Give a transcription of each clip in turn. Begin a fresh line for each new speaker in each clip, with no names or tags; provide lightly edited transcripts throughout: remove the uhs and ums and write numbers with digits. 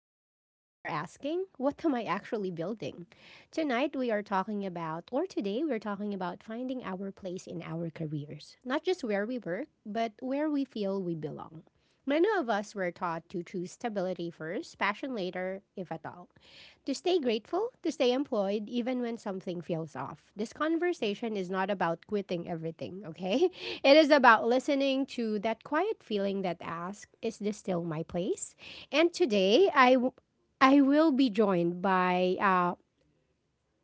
we pause before asking, "What am I actually building?" Tonight we are talking about, or Today we're talking about finding our place in our careers. Not just where we work, but where we feel we belong. Many of us were taught to choose stability first, passion later, if at all, to stay grateful, to stay employed, even when something feels off. This conversation is not about quitting everything, okay? It is about listening to that quiet feeling that asks, "Is this still my place?" And today, I will be joined by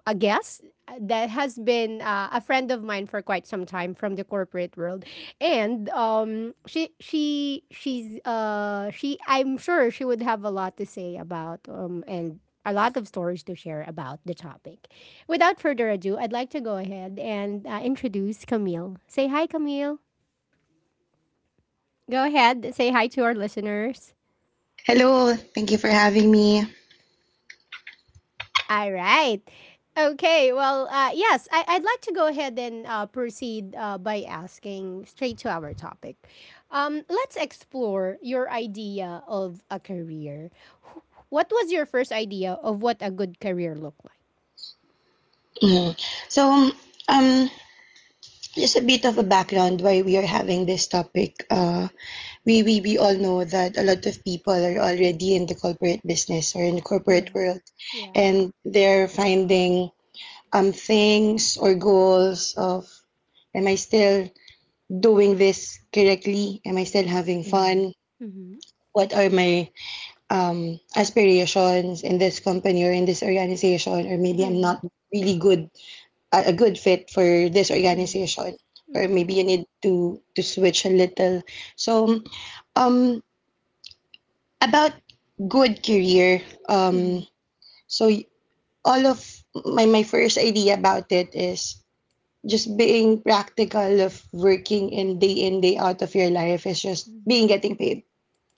a guest that has been a friend of mine for quite some time from the corporate world, and she she's she I'm sure she would have a lot to say about and a lot of stories to share about the topic. Without further ado, I'd like to go ahead and introduce Camille. Say hi, Camille. Go ahead, say hi to our listeners.
Hello, thank you for having me.
All right. Okay. Well, yes, I'd like to go ahead and proceed by asking straight to our topic. Let's explore your idea of a career. Wh- What was your first idea of what a good career looked like?
Mm. So, um, just a bit of a background why we are having this topic. We all know that a lot of people are already in the corporate business or in the corporate
Yeah.
world,
Yeah.
and they're finding things or goals of, am I still doing this correctly? Am I still having
Mm-hmm.
fun?
Mm-hmm.
What are my aspirations in this company or in this organization? Or maybe I'm
Mm-hmm.
not really good a good fit for this organization, or
Mm-hmm.
maybe you need to switch a little. So um about good career, um so y- all of my first idea about it is just being practical of working in day out of your life is just
Mm-hmm.
being getting paid.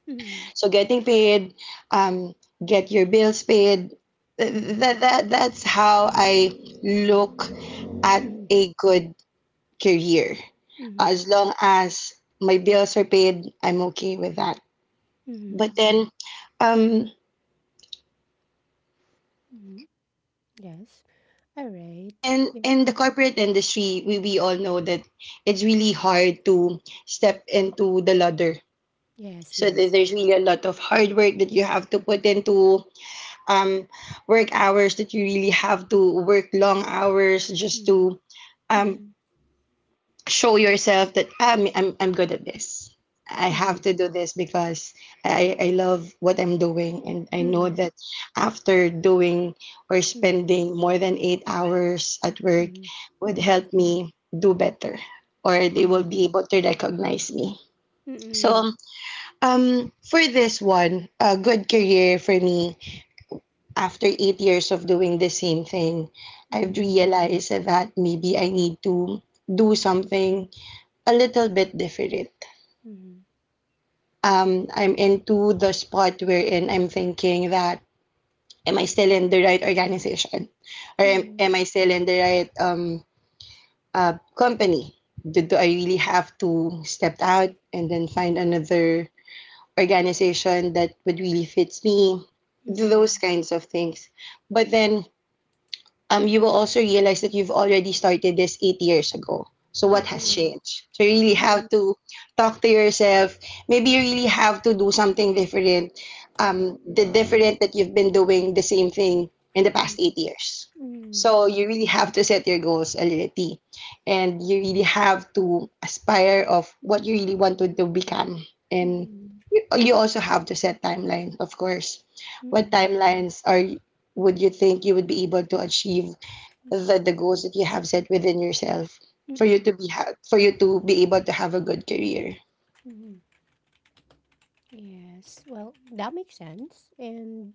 Mm-hmm.
So getting paid, um get your bills paid. Th- th-
Mm-hmm.
that that that's how I look at
Mm-hmm.
a good career.
Mm-hmm.
As long as my bills are paid, I'm okay with that. But
Mm-hmm.
then, um,
Mm-hmm. Yes. All right.
and
Yeah.
in the corporate industry, we all know that it's really hard to step into the ladder.
Yes.
So that
Yes.
there's really a lot of hard work that you have to put into, um, work hours that you really have to work long hours just
Mm-hmm.
to, um,
Mm-hmm.
show yourself that I'm good at this. I
Mm-hmm.
have to do this because I love what I'm doing, and I know
Mm,
that after doing or
mm,
spending more than 8 hours at work
mhm,
would
mhm,
help me do better, or they
mhm,
will be able to recognize me.
mm, mm,
So for this one, a good career for me after 8 years of doing the same thing, I've
mhm,
realized that maybe I need to do something a little bit different.
mm,
I'm into the spot wherein I'm thinking that am I still in the right organization, or
mhm, mm,
am,
mm,
am I still in the right company? Do I really have to step out and then find another organization that would really fits me? Those kinds of things. But then, you will also realize that you've already started this 8 years ago. So
mm,
what has
mhm,
changed? So you really have to talk to yourself. Maybe you really have to do something different. The different that you've been doing the same thing in the past 8 years. So you really have to set your goals a little, and you really have to aspire of what you really want to become. And
mm,
you also have to set timelines, of course. What timelines are would you think you would be able to achieve the goals that you have set within yourself
mhm,
for you
mm,
to be for you to be able to have a good career.
mhm. Yes, well, that makes sense. And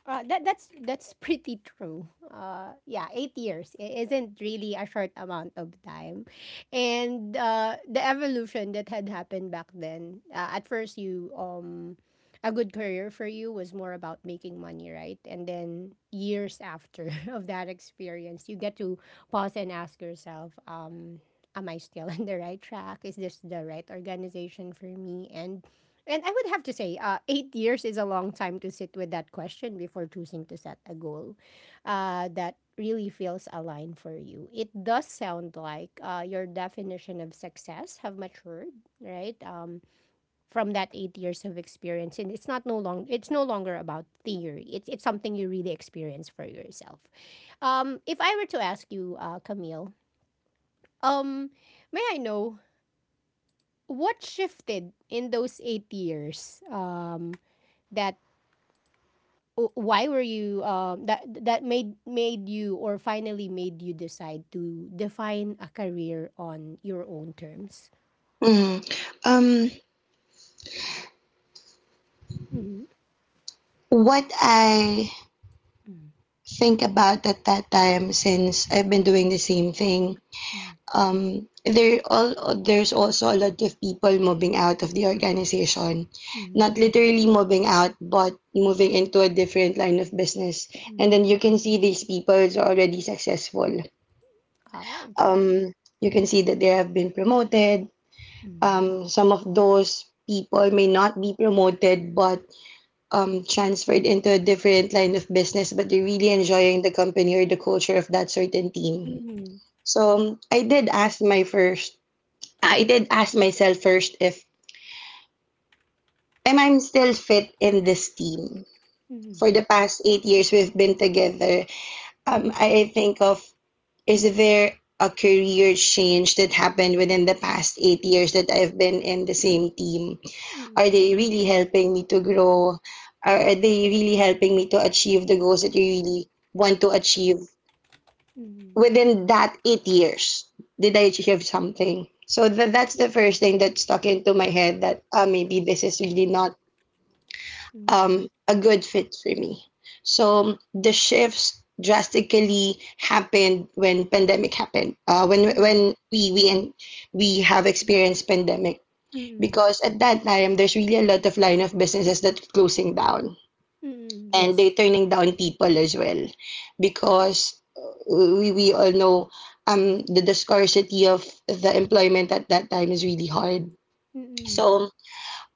That that's pretty true. Yeah, 8 years isn't really a short amount of time, and the evolution that had happened back then. At first, you a good career for you was more about making money, right? And then years after of that experience, you get to pause and ask yourself, am I still on the right track? Is this the right organization for me? And I would have to say, 8 years is a long time to sit with that question before choosing to set a goal that really feels aligned for you. It does sound like your definition of success have matured, right? From that 8 years of experience, and it's not no long. It's no longer about theory. It's something you really experience for yourself. If I were to ask you, Camille, um, may I know what shifted in those 8 years? That why were you that made you, or finally made you decide to define a career on your own terms?
Mm. Um,
Mm-hmm.
what I
Mm,
think about at that time, since I've been doing the same thing,
mm,
um, there's also a lot of people moving out of the organization, not
mm,
literally moving out, but moving into a different line of business, and then
mm.
you can see these people are already successful.
Oh, okay.
Um, you can see that they have been promoted.
Mm,
Some of those people may not be promoted, but transferred into a different line of business, but they're really enjoying the company or the culture of that certain
mm,
team.
mm,
So I did ask myself first if am I still fit in this team?
mm.
For the past 8 years we've been together, I think of is there a career change that happened within the past 8 years that I've been in the same team? Are
Hmm.
they really helping me to grow? Are they really helping me to achieve the goals that you really want to achieve
Mm.
within that 8 years? Did I achieve something? So that's the first thing that stuck into my head that maybe this is really not
Hmm.
a good fit for me. So the shifts drastically happened when pandemic happened.
Mm.
When we and We have experienced pandemic
Hmm.
because at that time there's really a lot of line of businesses that are closing down,
Mm-mm.
and
Yes.
they're turning down people as well because we all know the scarcity of the employment at that time is really hard.
Mm. Hmm.
So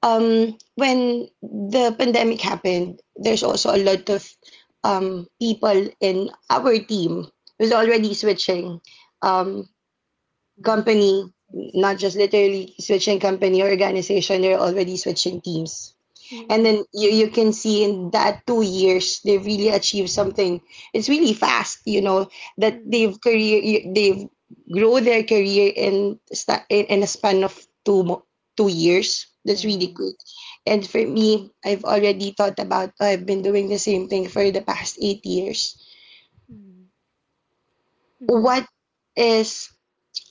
um, when the pandemic happened, there's also a lot of people in our team was already
Mm-mm.
switching um
Line of
company.
businesses,
Not
yeah.
just literally switching company or organization, they're already switching teams, and
Mm-mm.
then you can see in that 2 years they really achieved something. It's really fast, you know, that
Hmm.
they've grow their career in in a span of two mo- 2 years. That's really
Yes.
quick. And for me, I've already thought about, oh, I've been doing the same thing for the past 8 years.
Mm-mm.
What is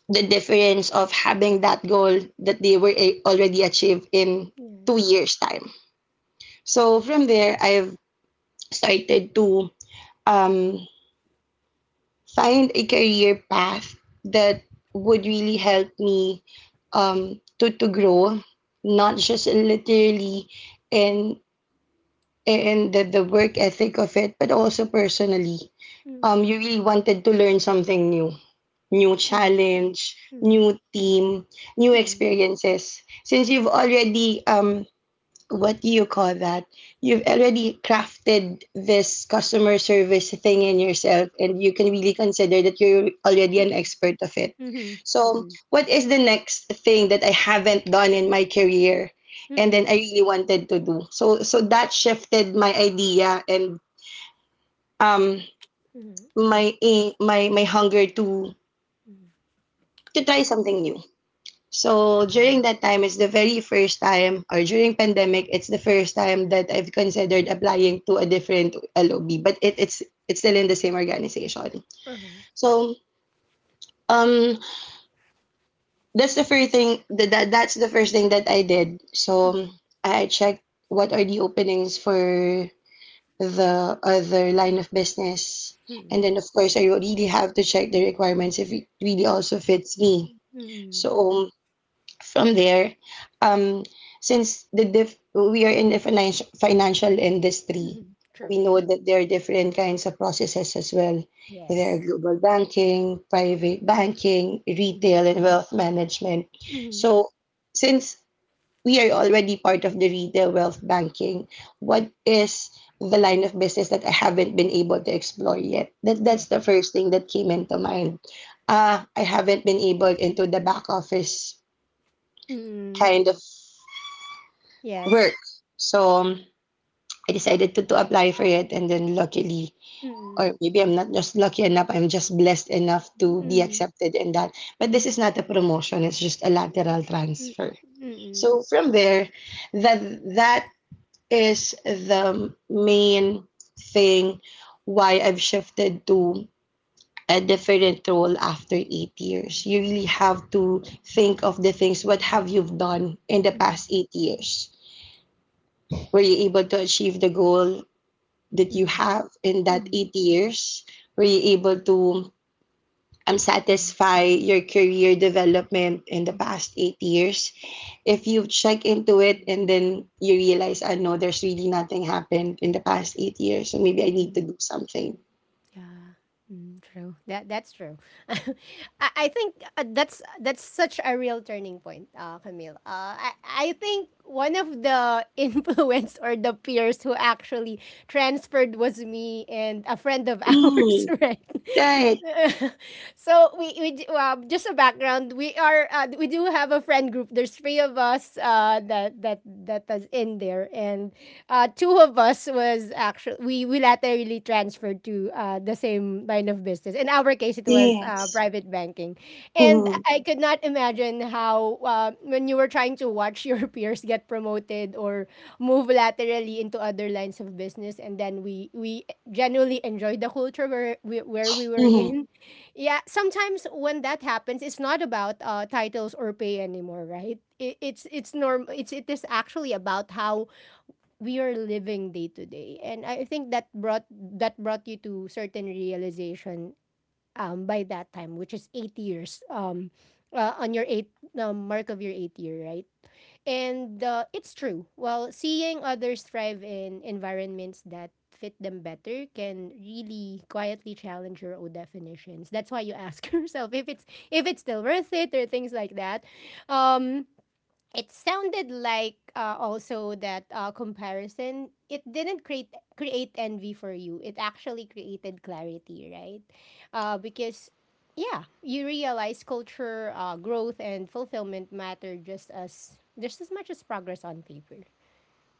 the difference of having that goal that they were already achieved in two
Yes.
years time? So from there, I've started to um, find a career path that would really help me to grow, not just literally in, in the work ethic of it, but also personally. You
Mm-mm.
really wanted to learn something new, new challenge,
Mm.
new team, new
Hmm.
experiences. Since you've already what do you call that? You've already crafted this customer service thing in yourself, and you can really consider that you're already an
Mm.
expert of it.
Mhm.
So,
Mm.
what is the next thing that I haven't done in my career, and then
Mm.
I really wanted to do? So, that shifted my idea and um
Mhm.
my eh, my hunger
Mhm.
to try something new. So
Yeah.
during that time, it's the very first time, or during pandemic, it's the first time that I've considered applying to a different LOB, but it's still in the same organization.
Uh-huh.
So um, that that's the first thing that I did. So
Mhm.
I checked what are the openings for the other line of business, and
Mm.
then of course I really have to check the requirements if it really also fits me.
Mhm.
So from there, um, since we are in the financial industry,
Mhm.
we
True.
know
Mhm.
that there are different kinds of processes as well. There are
Yes.
global banking, private banking,
Mhm.
retail, and wealth management.
Mhm.
So, since we are already part of the retail wealth banking, what is the line of business that I haven't been able to explore yet?
Yeah.
That's the first thing that came into mind. I haven't been able into the back office
Mm.
kind of
Yes.
work. So I decided to apply for it, and then luckily, or
Mm.
maybe I'm not just lucky enough, I'm just blessed enough to be
Mm.
accepted in that. But this is not a promotion, it's just a lateral
Mm.
transfer.
Mm.
So from there, that that is the main thing why I've shifted to a different role after 8 years. You really have to think of the things what have you done in the
Mm.
past 8 years? Were you able to achieve the goal that you
Mhm.
have in that
Mhm.
8 years? Were you able to
Mhm.
satisfy your career development in the
Mhm.
past 8 years? If you check into it and then you realize, I know there's really nothing happened in the past 8 years, so maybe I need
Mhm.
to do something.
Yeah. Mm, true. That's true. I, I think that's such a real turning point, Camille. I think one of the influence or the peers who actually transferred was me and a friend of ours,
Mm,
right?
right.
So just a background. We do have a friend group. There's three of us that is in there, and two of us was actually we laterally transferred to the same line of business. In our case, it
Yeah.
was private banking, and
Mm,
I could not imagine how when you were trying to watch your peers get promoted or move laterally into other lines of business, and then we genuinely enjoyed the culture where we were
mm,
in. Yeah, sometimes when that happens, it's not about titles or pay anymore, right? It's norm. It is actually about how we are living day to day, and I think that brought you to certain realization by that time, which is 8 years, on your eight mark of your eighth year, right. And it's true. Well, seeing others thrive in environments that fit them better can really quietly challenge your own definitions. That's why you ask yourself if it's still worth it, or things like that. um it sounded like, also, that comparison, it didn't create envy for you. It actually created clarity, right. Because yeah, you realize culture, growth and fulfillment matter just as much as progress on paper.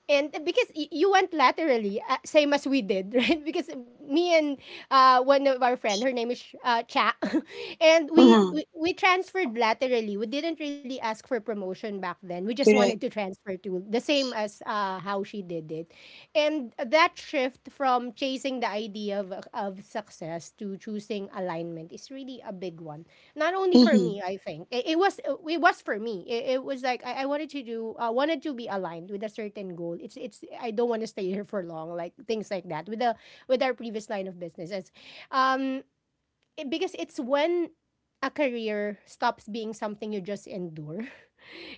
And because you went laterally, same as we did, right? Because me and one of our friend, her name is Cha, and we,
mm,
we we transferred laterally. We didn't really ask for promotion back then. We just wanted
correct.
to transfer to the same as how she did it, and that shift from chasing the idea of success to choosing alignment is really a big one. Not only for
Mhm.
me, I think it was for me. It was like I wanted to be aligned with a certain goal. It's I don't want to stay here for long, like things like that, with our previous line of businesses. um, because it's when a career stops being something you just endure,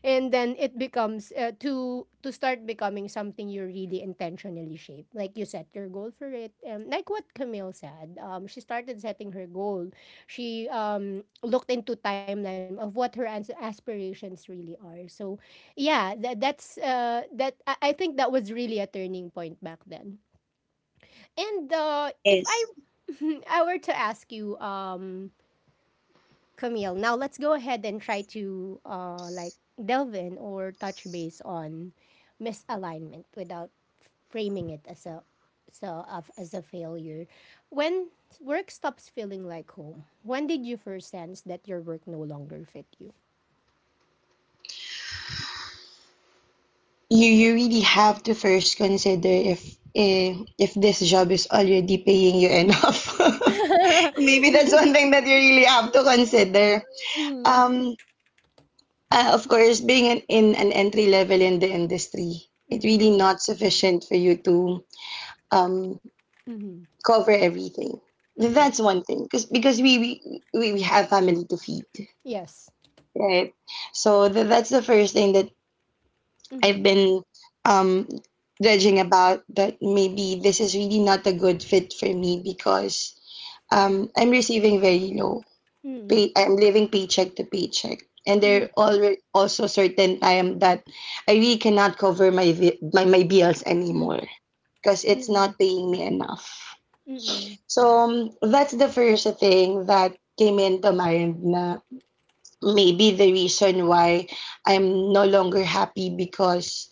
and then it becomes, to start becoming something you really intentionally shape, like you set your goal for it, like what Camille said. She started setting her goal. She looked into timeline of what her aspirations really are. So yeah, that, that's that I think that was really a turning point back then. And if I
Yes.
I were to ask you, Camille. Now let's go ahead and try to, like, delve in or touch base on misalignment without framing it as a so of as a failure. When work stops feeling like home, when did you first sense that your work no longer fit you?
You really have to first consider if if this job is already paying you enough. Maybe that's one thing that you really have to consider.
Mm,
Um, of course, being in an entry level in the industry, it's
mm,
really not sufficient for you to um,
mhm,
cover everything.
mhm.
That's one thing, because we have family to feed,
Yes.
right? So that's the first thing that I've
Mhm,
been um, judging about, that maybe this is really not a good fit for me because I'm receiving very low
mhm,
pay. I'm living paycheck to paycheck. And there
mhm,
are also certain time that I really cannot cover my bills
mhm,
anymore because
mhm,
it's
mhm,
not paying me enough.
mhm,
So that's the first thing that came into mind na, maybe the reason why I'm no longer happy because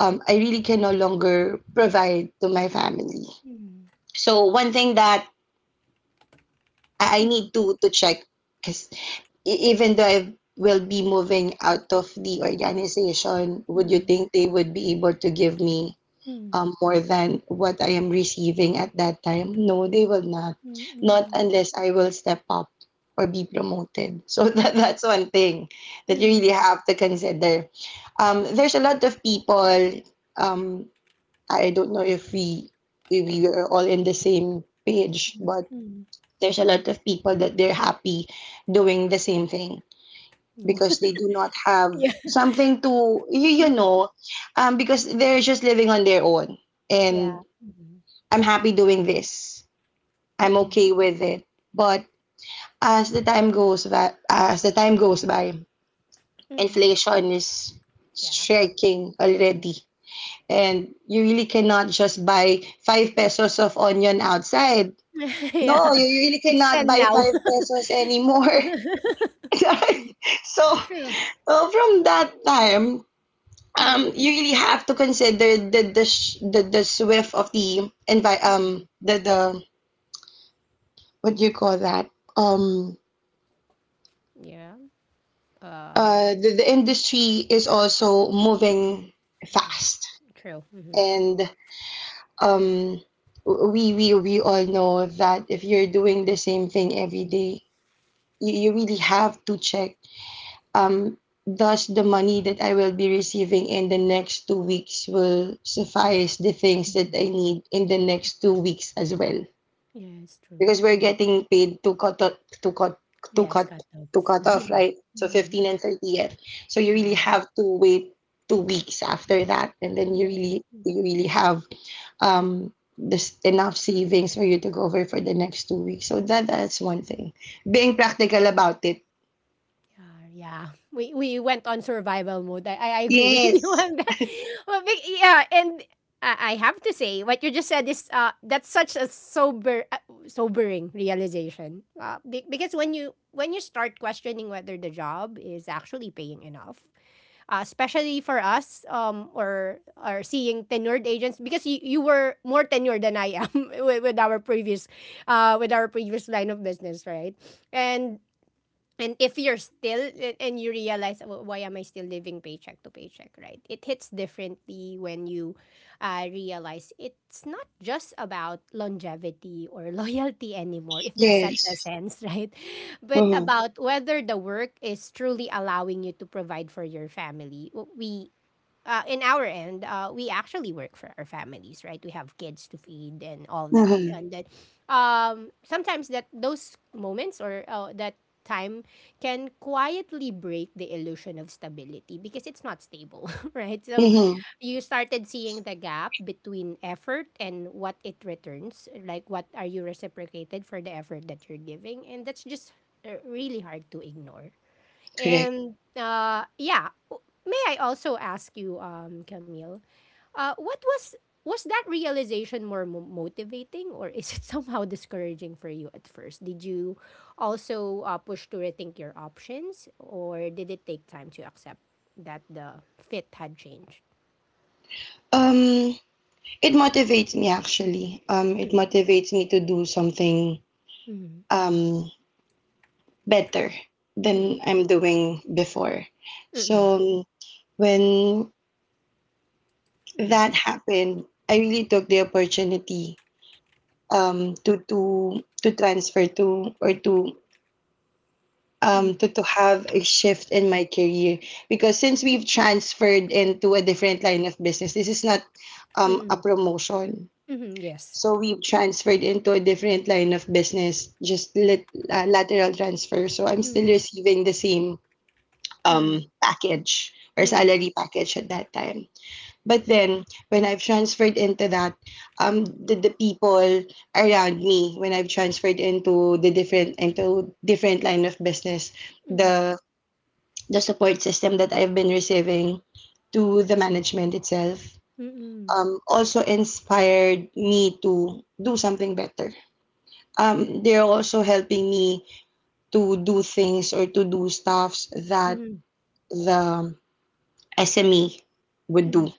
I really can no longer provide to my family.
mhm,
So one thing that I need to check, because even though I will be moving out of the organization, would you
mhm,
think they would be able to give me
mhm,
more than what I am receiving at that time? No, they will not.
mhm,
Not
mhm,
unless I will step up or be promoted. So
mhm.
that's one thing that you really
Mm,
have to consider. There's a lot of people. Um, I don't know if we are all in the same page,
mm,
but
mm.
there's a lot of people that they're happy doing the same thing
No.
because they do not have
Yeah.
something to you, you
Mhm.
know Because they're just living on their own and
Yeah. Hmm.
I'm happy doing this. I'm
Mm.
okay with it, but as the time goes by,
Mm.
inflation is
Yeah.
striking already, and you really cannot just buy five pesos of onion outside. No,
Yeah.
you really
It's
cannot
10
buy
now.
five pesos anymore. So
True.
from that time,
Mm,
you really have to consider the swift of the
mm.
what do you call that, um
Yeah.
uh
Um.
the, the industry is also moving
Yeah.
fast.
True. Hmm.
And um we all know that if you're doing the same thing every day, you really have to check. Um, thus, the money that I will be receiving in the next 2 weeks will suffice the things that
Mm.
I need in the next 2 weeks as well.
Yeah, it's true.
Because we're
Mm.
getting paid to cut o- to cut to
Yes,
cut
got
to
thoughts.
cut off, right? So 15
Yes.
and 30th. So you really
Yeah.
have to wait 2 weeks after that, and then you
Yes.
really
Mm.
you really have this enough savings for you to cover for the next 2 weeks. So that's one thing. Being practical about it.
Yeah, yeah. We went on survival mode. I agree with you
Yes.
on that. Well, yeah, and I have to say what you just said is that's such a sober, sobering realization. Because when you start questioning whether the job is actually paying enough, especially for us, or seeing tenured agents, because you were more tenured than I am with, with our previous with our previous line of business, right? And and if you're still, and you realize, "Well, why am I still living paycheck to paycheck," right, it hits differently when you realize it's not just about longevity or loyalty anymore, if there's such a
Yes.
sense, right, but
Mm-hmm.
about whether the work is truly allowing you to provide for your family. W- we In our end, we actually work for our families, right? We have kids to feed and all that,
Mm-hmm.
and that sometimes that those moments or that time can quietly break the illusion of stability, because it's not stable, right? So
Mm-hmm.
you started seeing the gap between effort and what it returns, like what are you reciprocated for the effort that you're giving, and that's just really hard to ignore.
Correct.
And yeah, may I also ask you, Camille, what was that realization more motivating, or is it somehow discouraging for you at first? Did you also push to rethink your options, or did it take time to accept that the fit had changed?
Um, it motivates me actually. It
Mm,
motivates me to do something
mm,
um better
mm,
than I'm doing before.
mm,
So when
mm,
that happened, I really took the opportunity to transfer to, or to um
mm,
to, to have a shift in my career, because since we've transferred into a different line of business, this is not a
mm,
promotion.
mm. Yes.
So we transferred into a different line of business, just lateral transfer. So I'm still
Mm,
receiving the same
mm,
package or
mm, mm,
salary package at that time. But then when I've transferred into that, the people around me, when I've transferred into the different into different line of business,
mm,
the the support system that I've been receiving to the management itself,
mm, mm,
also inspired me to do something better. Um, they're also helping me to do things or to do stuffs that the SME would do.
mm,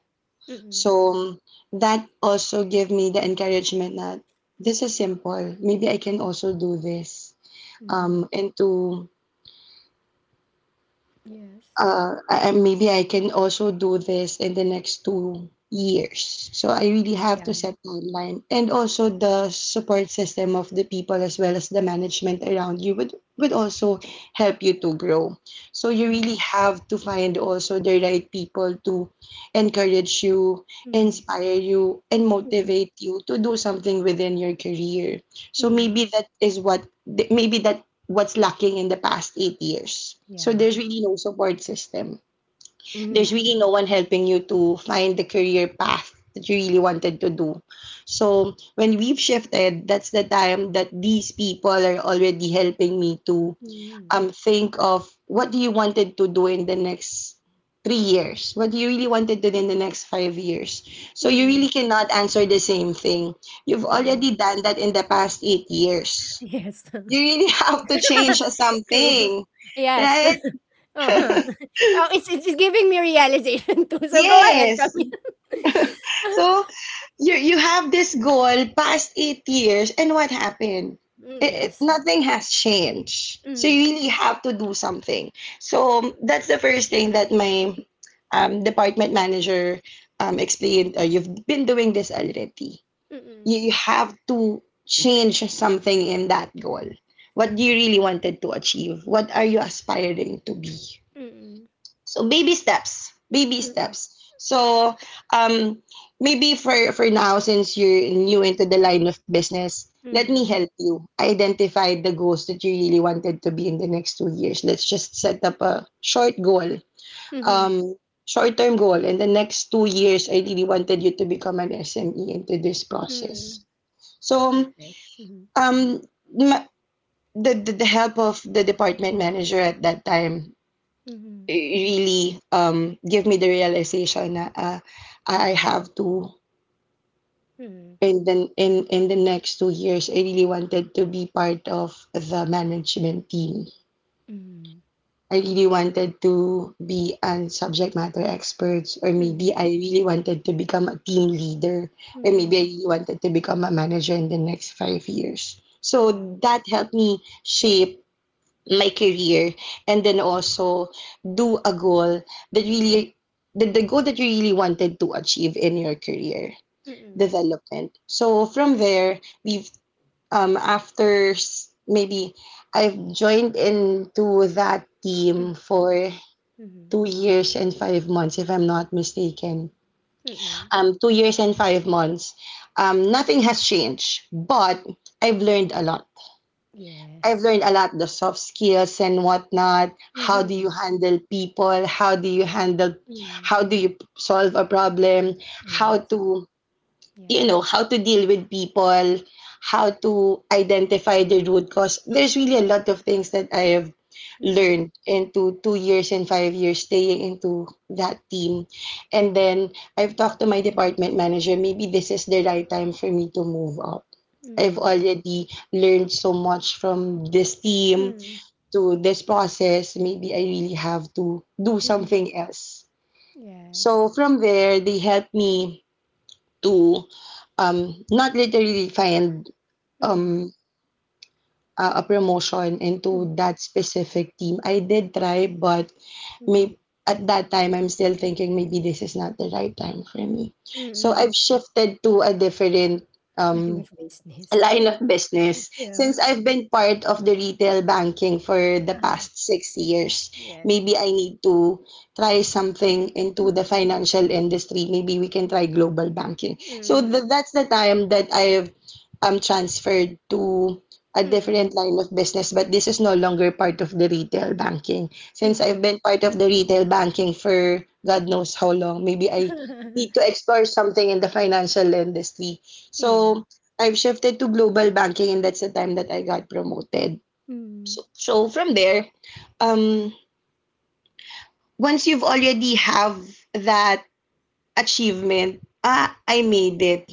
mm, mm,
So that also gave me the encouragement that this is simple. Maybe I can also do this.
mm.
And
Yes.
maybe I can also do this in the next 2 years. So I really
Yeah.
have to set timeline, and also the support system of the people as well as the management around you would also help you to grow. So you
Mhm.
really have to find also the right people to encourage you,
Mhm.
inspire you, and
Mhm.
motivate you to do something within your career. So
Mhm.
maybe that is what th- maybe that what's lacking in the past 8 years. So
Yeah.
there's really no support system. There's
Mhm.
really no one helping you to find the career path that you really wanted to do. So when we've shifted, that's the time that these people are already helping me to
Mhm.
think of, what do you wanted to do in the next 3 years? What do you really wanted to do in the next 5 years? So you really
Mhm.
cannot answer the same thing. You've
Mhm.
already done that in the past eight years
Yes.
You really have to change
True.
something,
Yes.
right?
Uh-huh. Oh, it's giving me realization too. So go ahead,
Yes.
Camille.
So you have this goal past 8 years, and what happened?
Mm, yes.
Nothing has changed. So
Mm.
you really have to do something. So that's the first thing that my department manager explained. You've been doing this already. You,
Mm.
you have to change something in that goal. What do you really wanted to achieve? What are you aspiring to be?
Mm.
So baby steps,
Mm.
so um maybe for now, since you're new into the line of business, let me
Mm.
help you identify the goals that you really wanted to be in the next 2 years. Let's just set up a short goal,
Mm.
um short-term goal. In the next 2 years, I really wanted you to become an SME into this
Mm.
process.
Yes.
So
Yes. Mhm.
um ma- the, the help of the department manager at that time
Mhm.
really give me the realization that I have to,
Mhm.
in the next 2 years, I really wanted to be part of the management team.
Mhm.
I really wanted to be a subject matter expert, or
Mhm.
maybe I really wanted to become a team leader, or maybe I
Mhm.
really wanted to become a manager in the next 5 years.
Yeah.
So that helped me shape my career, and then also do a goal that
Mhm.
really, the goal that you really wanted to achieve in your career
Mhm.
development. So from there, we've after s- maybe I've joined into that
Mhm.
team for
Mhm.
2 years and 5 months, if I'm not mistaken.
Mm-mm.
Um, 2 years and 5 months, um, nothing has changed, but I've learned a lot. I've
Yes.
learned a lot, the soft skills and whatnot. How do
Mhm.
you handle people? How do you handle?
Mm.
How do you solve a problem? How
Yes.
to, you
Yeah.
know, how to deal with people, how to identify the root cause. There's really a lot of things that I have
Mm-mm.
learned into 2 years and 5 years staying into that team. And then I've talked to my department manager, maybe this is the right time for me to move up. I've
Mhm.
already learned so much from this team,
Mm.
to this process. Maybe I really have to do
Mm.
something else.
Yes.
So from there, they helped me to not literally find
Mm.
um, a promotion
Mm.
into that specific team. I did try, but
Mm.
may, at that time, I'm still thinking maybe this is not the right time for me. So
Mm.
I've shifted to a different
Line
um,
of business.
line of
Yeah.
business,
Yeah.
since I've been part of the retail banking for the
Uh-huh.
past 6 years.
Yes.
Maybe I need to try something into the
Mm.
financial industry. Maybe we can try global banking. So
Mm.
that's the time that I've transferred to a
Mm.
different line of business, but this is no longer part of the retail banking. Since I've
Mm.
been part of the retail banking for God knows how long, maybe I need to explore something in the financial industry.
Yeah.
So I shifted to global banking, and that's the time that I got promoted.
Mm.
So, from there, um, once you've already have that achievement, ah, I made it.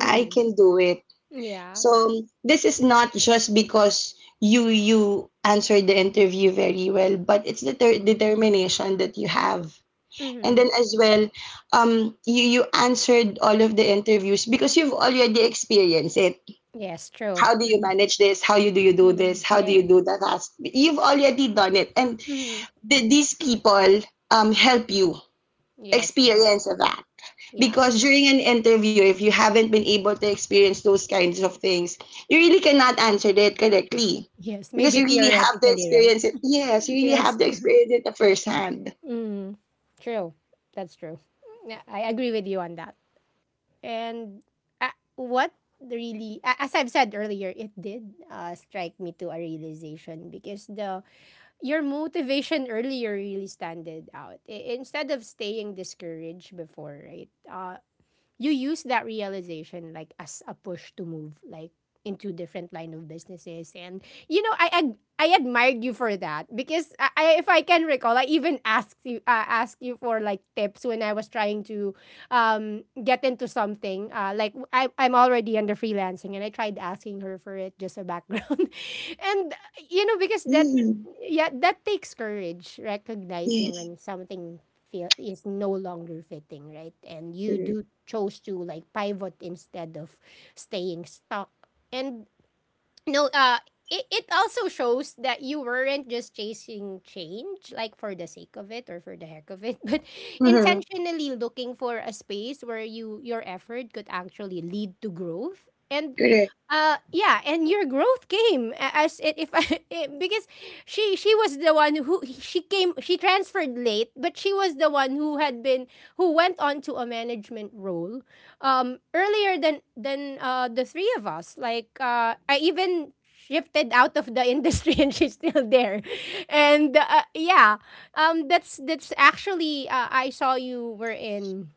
I can do it.
Yeah.
So this is not just because you answered the interview very well, but it's the
Mm.
determination that you have. And then
Mm.
as well, you answered all of the interviews because you've already experienced it.
Yes, true.
How do you
Mhm.
manage this? How you do this?
Mm.
How do you
Yes.
do that task? You've already done it, and
Mm.
these people help you
Yes, yes.
experience that,
Yeah.
because during an interview, if you haven't been able to experience those kinds of things, you really cannot answer that correctly,
Yes,
because
maybe
you really have to
theoretically, right?
experience it. Yes, you really have
Yes.
to experience it firsthand.
Mm, true. That's true. Yeah, I agree with you on that. And uh, what really, as I've said earlier, it did strike me to a realization because the your motivation earlier really standed out. I- instead of staying discouraged before, right? You use that realization like as a push to move like into different line of businesses. And you know I admired you for that because I if I can recall I even asked you for like tips when I was trying to get into something like I'm already under freelancing and I tried asking her for it, just a background. and you know because that
Mm,
Yeah, that takes courage, recognizing
yes,
when something feel is no longer fitting, right? And you
correct.
do chose to like pivot instead of staying stuck. And no, it also shows that you weren't just chasing change like for the sake of it or for the heck of it, but
Mm-hmm.
intentionally looking for a space where your effort could actually lead to growth. And
Correct.
yeah and your growth came a- as it if I, because she was the one who she transferred late, but she was the one who had been, who went on to a management role earlier than the three of us. Like I even shifted out of the industry and she's still there. And yeah, that's actually, I saw you were in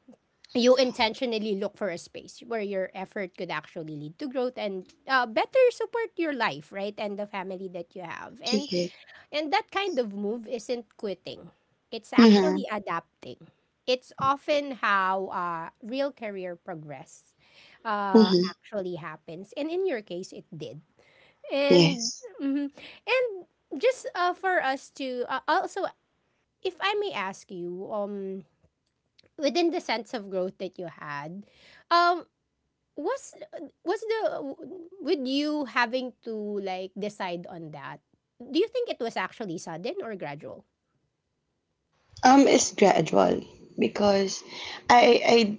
you intentionally look for a space where your effort could actually lead to growth and better support your life, right, and the family that you have. and
Correct.
and that kind of move isn't quitting, it's
Mm-hmm.
actually adapting. It's often how real career progress
Mm-hmm.
actually happens, and in your case it did. And
Yes.
mhm. And just for us to also, if I may ask you, within the sense of growth that you had, um was was the with you having to, like, decide on that, do you think it was actually sudden or gradual?
It's gradual, because I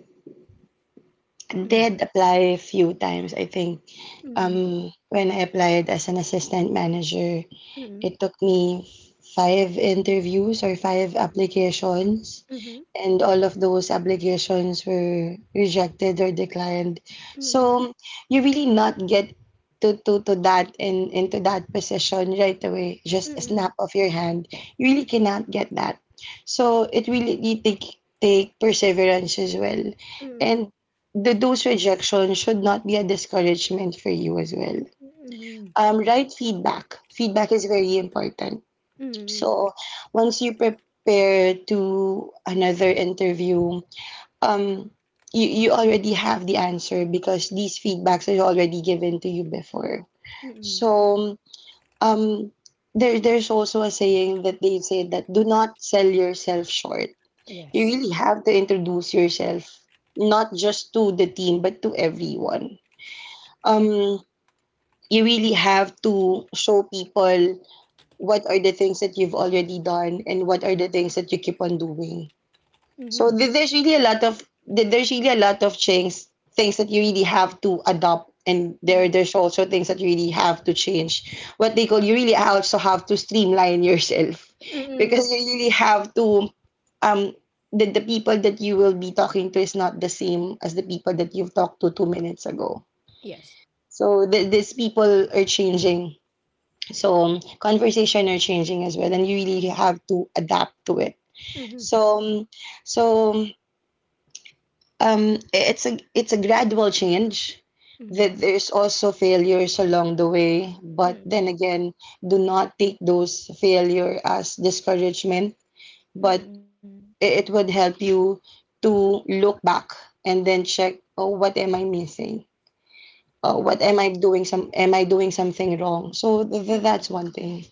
Mhm,
did apply a few times, I think.
mhm,
When I applied as an assistant manager,
mhm,
it took me five interviews or five applications,
mhm,
and all of those applications were rejected or declined.
mhm,
So you really not get to, to that and into that position right away, just a snap
mhm,
of your hand. You really cannot get that. So it really take perseverance as well.
mhm,
And those rejections should not be a discouragement for you as well,
mhm,
right feedback. Feedback is very important.
mhm,
So once you prepare to another interview, um, you already have the answer, because these feedbacks are already given to you before.
mhm.
So um, there's also a saying that they say that do not sell yourself short. You
Yes.
really have to introduce yourself not just to the team but to everyone. Um, you really have to show people what are the things that you've already done and what are the things that you keep on doing.
Mhm,
So there's really a lot of things, things that you really have to adopt. And
mhm,
there's also things that you really have to change, what they call, you really also have to streamline yourself
mhm,
because you really have to um, the people that you will be talking to is not the same as the people that you've talked to 2 minutes ago.
Yes.
So these people are changing, so conversation are changing as well, and you really have to adapt to it.
Mhm,
So so it's a gradual change. That
mhm,
there's also failures along the way, but then
mhm,
again, do not take those failure as discouragement. But
mhm.
it would help you to look back and then check, oh, what am I missing? Oh, what
Yeah.
am I doing? Some Am I doing something wrong? So that's one thing.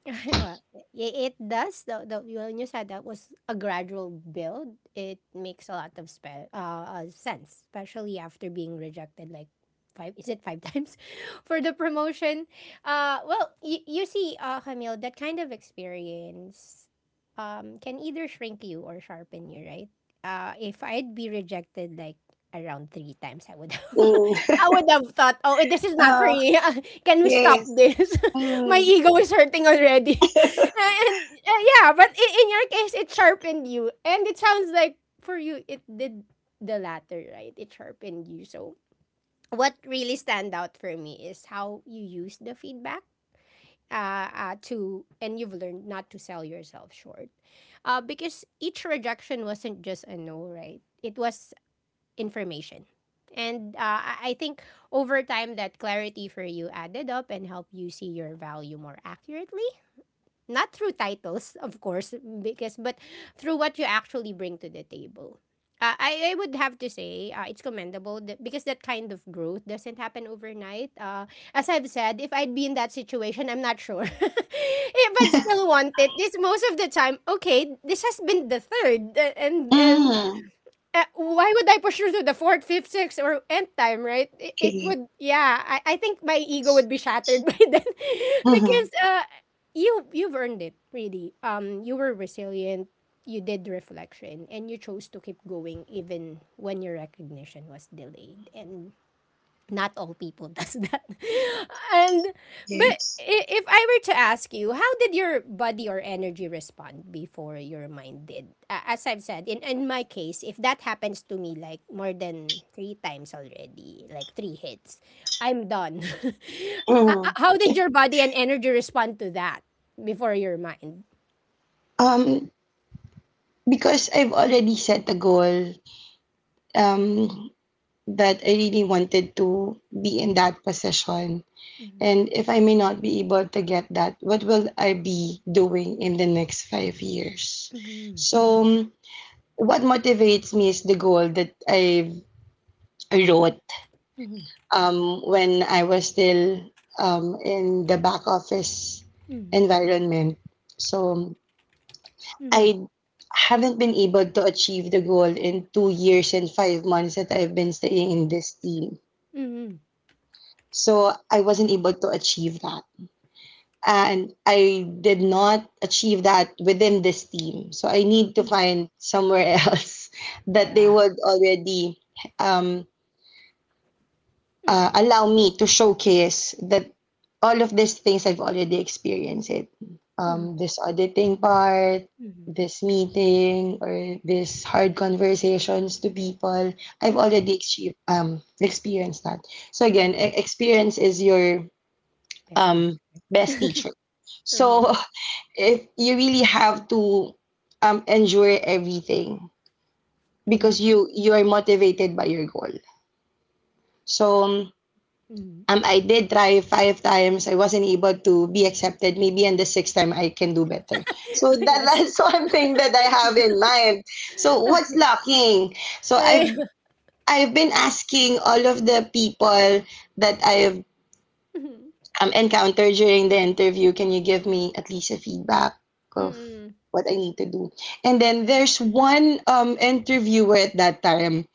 Well, I- it does. When you said that was a gradual build, it makes a lot of sense, especially after being rejected like five, is it five times, for the promotion? Well, you see, Camille, that kind of experience can either shrink you or sharpen you, right? If I'd be rejected like around three times, I would
Mm.
I would have thought, oh, this is not for
Oh,
me. Can we stop
yes.
this? My
Mm,
ego is hurting already. and Yeah, but in your case, it sharpened you. And it sounds like for you, it did the latter, right? It sharpened you. So what really stand out for me is how you use the feedback, to, and you've learned not to sell yourself short. Because each rejection wasn't just a no, right? It was information. And I think over time, that clarity for you added up and helped you see your value more accurately, not through titles of course, because but through what you actually bring to the table. I would have to say it's commendable that, because that kind of growth doesn't happen overnight. As I've said, if I'd be in that situation, I'm not sure. If I'd still want it, it's most of the time, okay, this has been the third, and
mm,
why would I pursue to the fourth, fifth, sixth, or nth time, right? It
correct.
would, yeah. I think my ego would be shattered by then,
Uh-huh.
because you you've earned it really. You were resilient. You did reflection, and you chose to keep going even when your recognition was delayed. And not all people does that. and But
Yes.
if I were to ask you, how did your body or energy respond before your mind did? As I've said, in my case, if that happens to me like more than 3 times already, like 3 hits, I'm done.
Uh-huh.
How did your body and energy respond to that before your mind?
Um, because I've already set a goal, um, that I really wanted to be in that position.
Mhm,
And if I may not be able to get that, what will I be doing in the next 5 years?
mhm,
So, um, what motivates me is the goal that I wrote
mhm,
when I was still in the back office
mhm,
environment. So
mhm,
I haven't been able to achieve the goal in 2 years and 5 months that I've been staying in this team.
mhm,
So I wasn't able to achieve that. And I did not achieve that within this team. So I need to
mhm.
find somewhere else that
Yeah.
they would already um,
Mhm,
allow me to showcase that all of these things I've already experienced it.
mhm,
This auditing part,
mhm,
this meeting, or this hard conversations to people, I've
mhm,
already experienced that. So again,
mhm.
experience is your
Bestie.
um, bestie. So
Mhm.
if you really have to endure everything
Mm,
because you are motivated by your goal. So um,
mm.
I did try five times. I wasn't able to be accepted. Maybe on the sixth time, I can do better. So
Yes.
that's one thing that I have in mind. So what's lacking? So I've
Eh,
I've been asking all of the people that I've
mhm,
encountered during the interview. Can you give me at least a feedback of
mm,
what I need to do? And then there's one interviewer at that time.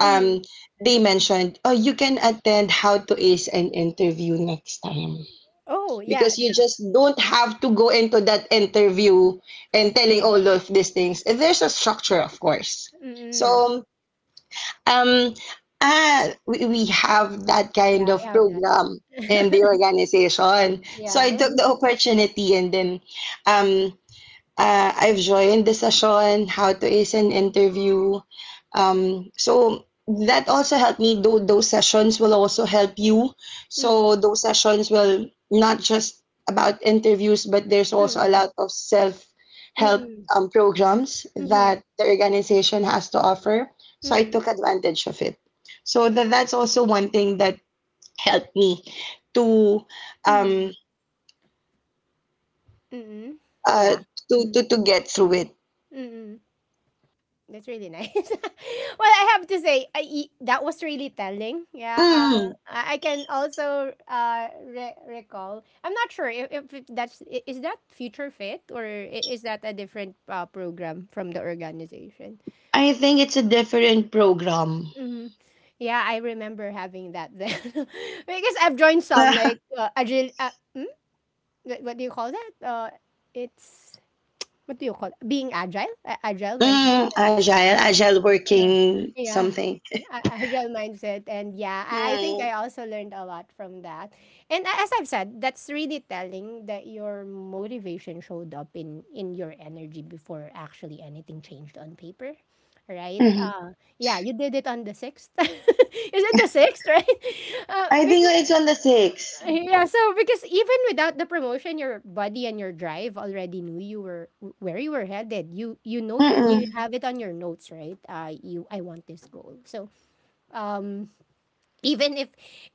Um, they mentioned, oh, you can attend how to ace an interview next time
Oh, yeah,
because
the
you just don't have to go into that interview and telling all of these things. And there's a structure, of course.
mm.
So um, uh, we, we have that kind
Yeah,
of
we have
program in the
that.
organization. So I
Yeah.
took the opportunity and then um, I've joined the session, how to ace an interview. So that also helped me. Though those sessions will also help you.
Mm,
So those sessions will not just about interviews, but there's also a
mm,
lot of self help
mm,
programs that
mhm,
the organization has to offer. So I
mhm,
took advantage of it. So that's also one thing that helped me to um,
mhm, mhm.
uh,
Yeah. Mhm,
to get through it.
mm. That's really nice. Well, I have to say, that was really telling. Yeah,
Mm.
I can also recall. I'm not sure if, that's is that Future Fit, or is that a different program from the organization.
I think it's a different program.
Hmm. Yeah, I remember having that then because I've joined some like agile. Hmm? What do you call that? It's What do you call it? Being agile, agile mindset,
Mm,
things like
agile,
that.
agile
Uh,
working
yeah.
something.
A real mindset. And yeah, I think I
Mm,
also learned a lot from that. And as I've said, that's really telling that your motivation showed up in your energy before actually anything changed on paper, right?
mhm.
Yeah, you did it on the sixth. Is it the sixth? Right? uh,
I think
because,
it's on the sixth.
yeah, so because even without the promotion, your body and your drive already knew you were where you were headed. You you note you
Mm-mm.
have it on your notes, right? You I want this goal. So um even if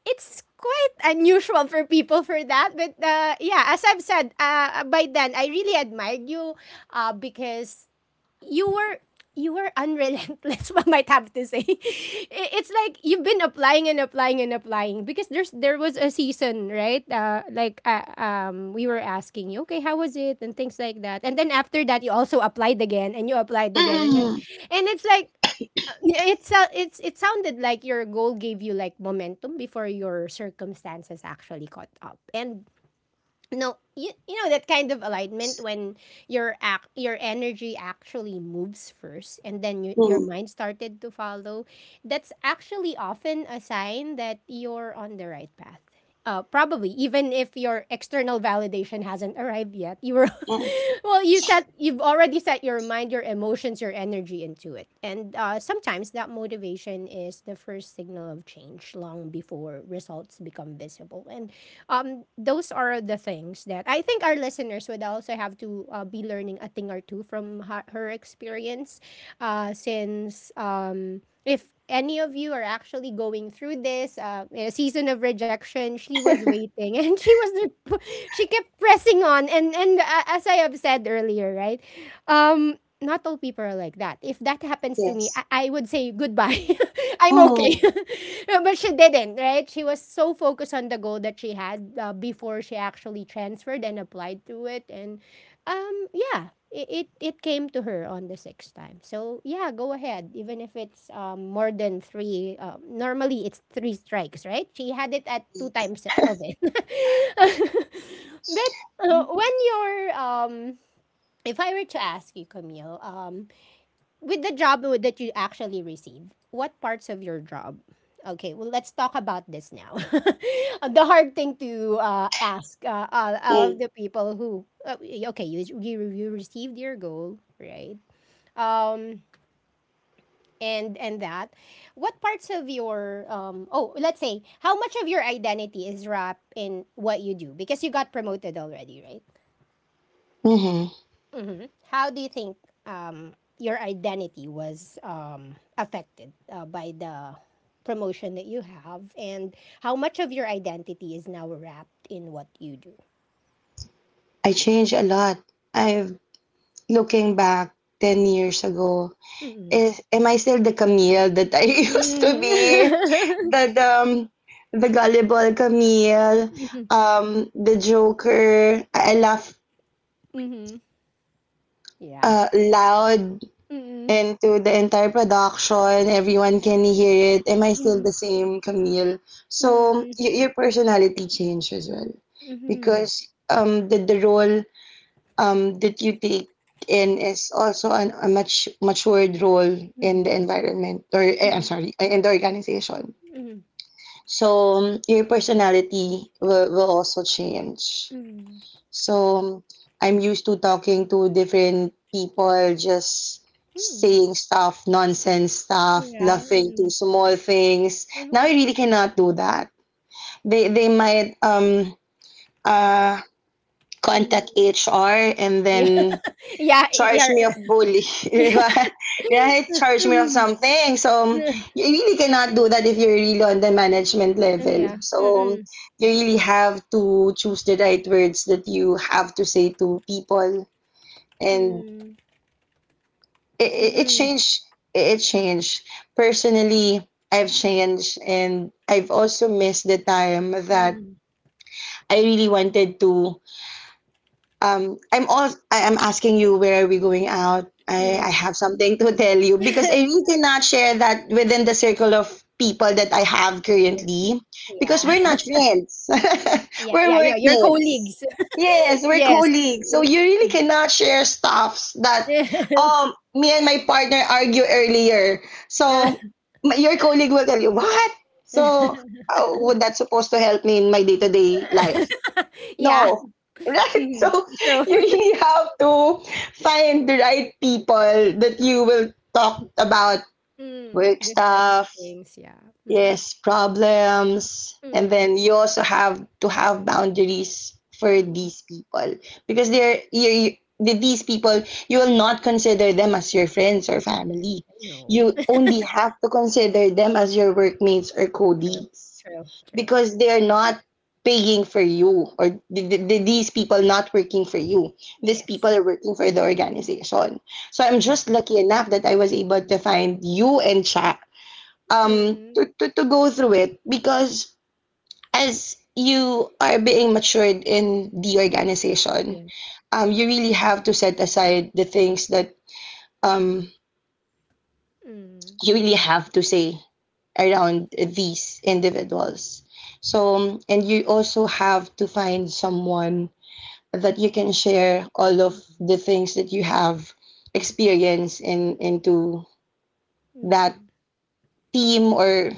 it's quite unusual for people for that, but yeah, as I've said, by then I really admired you, because you were, you were unrelentless, one might have to say. I- it's like you've been applying and applying and applying, because there's there was a season, right? We were asking you, okay, how was it and things like that, and then after that you also applied again, and you applied again, and,
Mm-mm.
and it's like, yeah, it's it sounded like your goal gave you like momentum before your circumstances actually caught up. And no, you know that kind of alignment when your energy actually moves first, and then your
Mm,
mind started to follow. That's actually often a sign that you're on the right path, probably even if your external validation hasn't arrived yet. You were
mm,
well, you set you've already set your mind, your emotions, your energy into it. And sometimes that motivation is the first signal of change long before results become visible. And those are the things that I think our listeners would also have to be learning a thing or two from her experience, since if any of you are actually going through this, in a season of rejection. She was waiting and she was, she kept pressing on. And As I have said earlier, right, not all people are like that. If that happens to me,
yes.
I would say goodbye. I'm okay.
Mm,
No, but she didn't, right? She was so focused on the goal that she had before she actually transferred and applied to it. And yeah, it came to her on the sixth time. So yeah, go ahead. Even if it's more than three, normally it's three strikes, right? She had it at two times of it. But when you're if I were to ask you, Camille, with the job that you actually receive, what parts of your job? Okay, well, let's talk about this now. The hard thing to ask, all of
yes.
the people who, okay, you received your goal, right? Um, and and that, what parts of your let's say, how much of your identity is wrapped in what you do, because you got promoted already, right?
Mm-hmm.
Hmm. How do you think your identity was affected by the promotion that you have, and how much of your identity is now wrapped in what you do?
I changed a lot. I've Looking back 10 years ago,
Mm-mm.
is am I still the Camille that I used to
Mm-mm.
be? The um, the gullible Camille,
Mhm.
the Joker. I laugh
Mhm. Yeah.
loud
Mm-mm.
into the entire production. Everyone can hear it. Am I still the
Mm-mm.
same Camille? So
Mm-mm.
your personality changed as well,
Mhm.
because the role that you take in is also a much matured role in
Mhm.
the environment, or I'm sorry, in the organization.
Mhm. Mhm.
So your personality will also change.
Mhm.
So um, I'm used to talking to different people, just
Mhm.
saying stuff, nonsense stuff,
Yeah.
laughing to
Mm-mm.
small things. Now
Mhm.
I really cannot do that. They might uh contact
Mm.
HR and
Yeah.
then
Yeah.
charge
Yeah.
me fully, di ba? Right? Charge me of
Mm.
something. So,
Yeah.
you really cannot do that if you're really on the management level.
Yeah.
So,
Mm-mm.
you really have to choose the right words that you have to say to people. And
Mm.
it
Mm,
changed. It changed. Personally, I've changed and I've also missed the time that
mm,
I really wanted to. I am asking you, where are we going out? I
yeah.
have something to tell you because I really cannot share that within the circle of people that I have currently, because we're
Yeah.
not friends.
Yeah, yeah,
We're
yeah, your
working.
colleagues.
Yes, we're
Yes.
colleagues. So you really cannot share stuffs that,
Yeah.
me and my partner argue earlier. So your colleague will tell you what? So would that supposed to help me in my day-to-day life? No.
Yeah.
Right?
Mhm,
So
true.
you really have to find the right people that you will talk about
Mm,
work
this type of
stuff,
things, yeah. Mm,
yes, problems, and
mm,
then you also have to have boundaries for
mm,
these people, because they're you with these people you will not consider them as your friends or family.
no.
You only have to consider them as your workmates or
True,
colleagues,
true, true.
because they're not paying for you, or these people not working for you. These people
Yes,
are working for the organization. So I'm just
exactly.
lucky enough that I was able to find you and chat um
Mm,
to go through it, because as you are being matured in the organization,
yes.
you really have to set aside the things that um
Mm,
you really have to say around these individuals. So, and you also have to find someone that you can share all of the things that you have experienced in into
mm,
that
mm,
team, or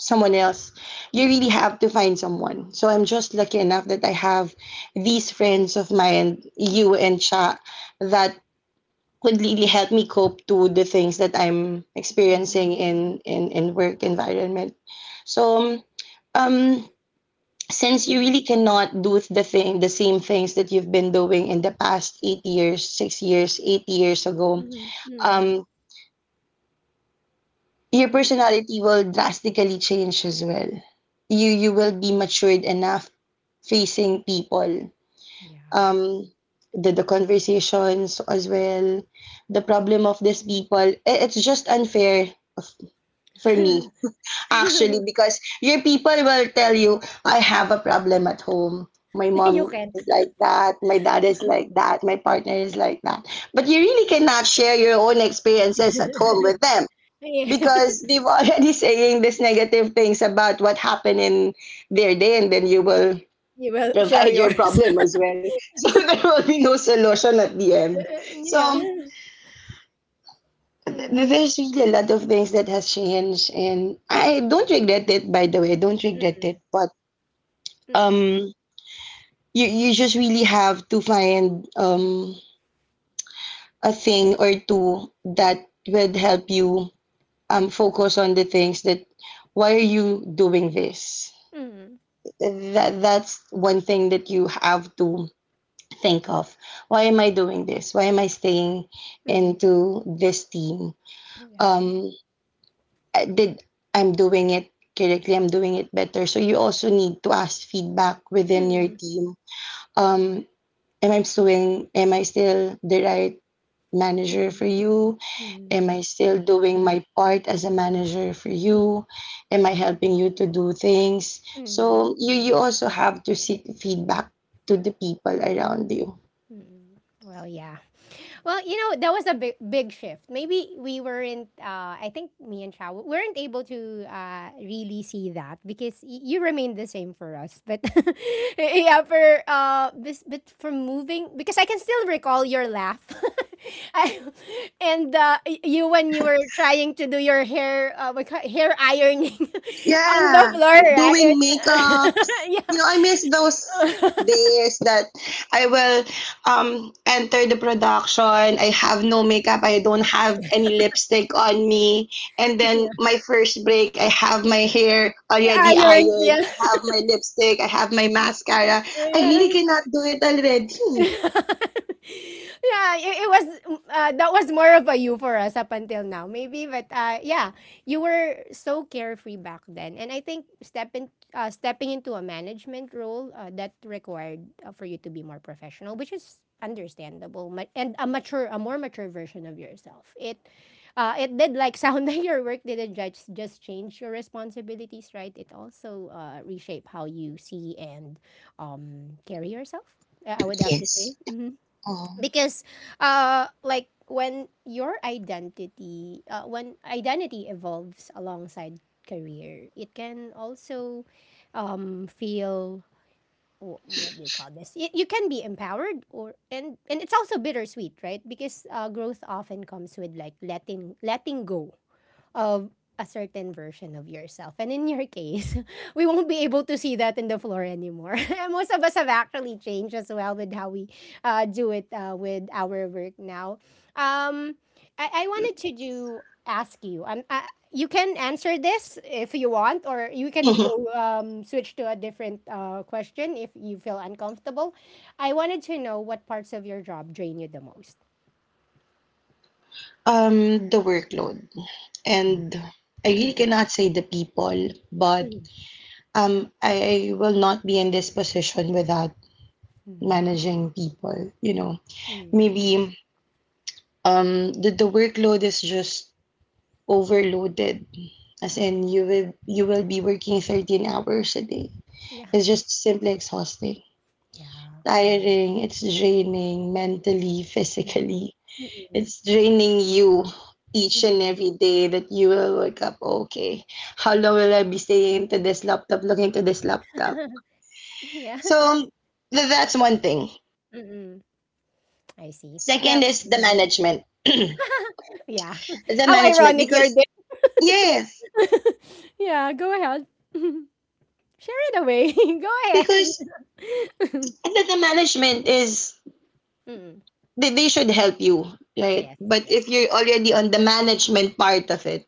someone else. You
mm,
really have to find someone. So I'm just lucky enough that I have these friends of mine, you
mm,
and Cha, that could really help me cope to the things that I'm
mm,
experiencing in in work environment. So um since you really
mm,
cannot do the same things that you've been doing in the past 8 years, 6 years, 8 years ago,
mhm, mm,
um. your
mhm.
personality will drastically change as well. You will be matured enough facing people.
Yeah.
Um the conversations as well, the problem of these people. It's just unfair f- for me actually, because your people will tell you, I have a problem at home. My
You
mom
can't.
is like that, my dad is like that, my partner is like that. But you really cannot share your own experiences at home with them,
Yes.
because they've already saying these negative things about what happened in their day, and then you will
You will share
provide your
yours.
problem as well. So there will be no solution at the end. So
Yeah. Mm,
there's really a lot of things that has changed, and I don't regret it. By the way, I don't regret
mm,
it. But
mm,
um you, you just really have to find a thing or two that would help you focus on the things that, why are you doing this?
mm,
That, that's one thing that you have to think of. Why am I doing this? Why am I staying
mm,
into this team?
yeah.
Um I did i'm doing it correctly, I'm doing it better. So you also need to ask feedback within your
mm,
team. um am I still the right manager
mm,
for you? Am
mm,
I still doing my part as a manager for
mm,
you? Am I helping you to do things?
mm,
So you also have to seek feedback to the people around you.
mm. Well, yeah. Well, that was a big shift. Maybe we weren't, I think me and Chow weren't able to really see that because you remained the same for us. But yeah, for, this, but for moving, because I can still recall your laugh. I, and you, when you were trying to do your hair, hair ironing on the
Yeah,
floor, right?
doing makeups.
It's-
You know, I miss those days that I will enter the production. I have no makeup. I don't have any lipstick on me. And
yeah.
then
yeah.
my first break, I have my hair already
Iron,
ironed.
yeah.
I have my lipstick. I have my mascara. I
Yeah.
really cannot do it already.
yeah, it that was more of a you for us up until now, maybe. But yeah, you were so carefree back then, and I think stepping into a management role that required for you to be more professional, which is understandable, and a more mature version of yourself. It it did like sound like your work didn't just change your responsibilities, right? It also reshape how you see and carry yourself I would have to say.
Yes. Oh.
Because, like when your when identity evolves alongside career, it can also, feel what do you call this? You can be empowered, or and it's also bittersweet, right? Because growth often comes with like letting go of a certain version of yourself. And in your case, we won't be able to see that in the floor anymore. And most of us have actually changed as well with how we do it with our work now. Um, I wanted to do ask you. You can answer this if you want, or you can
Mhm.
go switch to a different question if you feel uncomfortable. I wanted to know what parts of your job drain you the most.
Um, the workload. And I really
Mhm.
cannot say the people, but
Mhm.
I will not be in this position without
Mhm.
managing people, you know.
Mhm.
Maybe the workload is just overloaded. As
Yeah.
in you will be working 13 hours a day.
Yeah.
It's just simply exhausting.
Yeah. Mm.
Tiring, it's draining mentally, physically.
Mm, mm,
It's draining you each and
mm.
every day that you will wake up, okay. How long will I be staying to this laptop, looking to this laptop?
Yeah.
So that's one thing.
Mm. I see.
Second
Well,
is the
Mhm.
management. The
yeah. How
management,
ironic your
because,
day.
yes,
Yeah, go ahead. Share it away. Go
because
ahead.
the management is,
Mm.
they should help you, right?
Yes,
But
yes.
if you're already on the management part of it,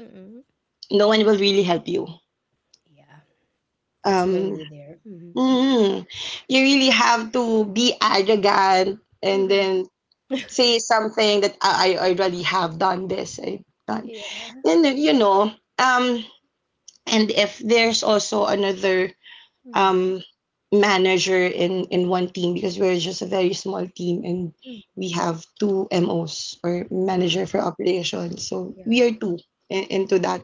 Mm.
no one will really help you.
Yeah. It's
Um,
lonely there. Mhm.
mm, you really have to be arrogant and
Mhm.
then say something that, I already have done this. I've done.
Yeah.
Then, you know, um, and if there's also another
Mhm.
um, manager in one team, because we're just a very small team, and
Mm.
we have two MOs, or
Mhm.
manager for operations. So
Yeah.
we are two in, into that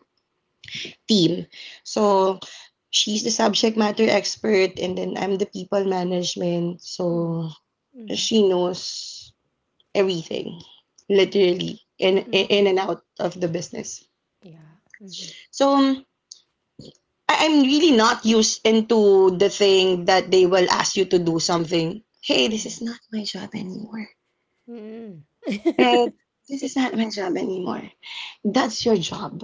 team.
Mhm.
So she's the subject matter expert, and then I'm the people management.
Mhm.
So
Mhm.
she knows everything, literally
Mm.
in and out of the business.
Yeah. Mhm.
So I'm really not used into the thing that they will ask you to do something. Hey, this
Mhm.
is not my job anymore.
Mm.
Right? This is not my job anymore. That's your job.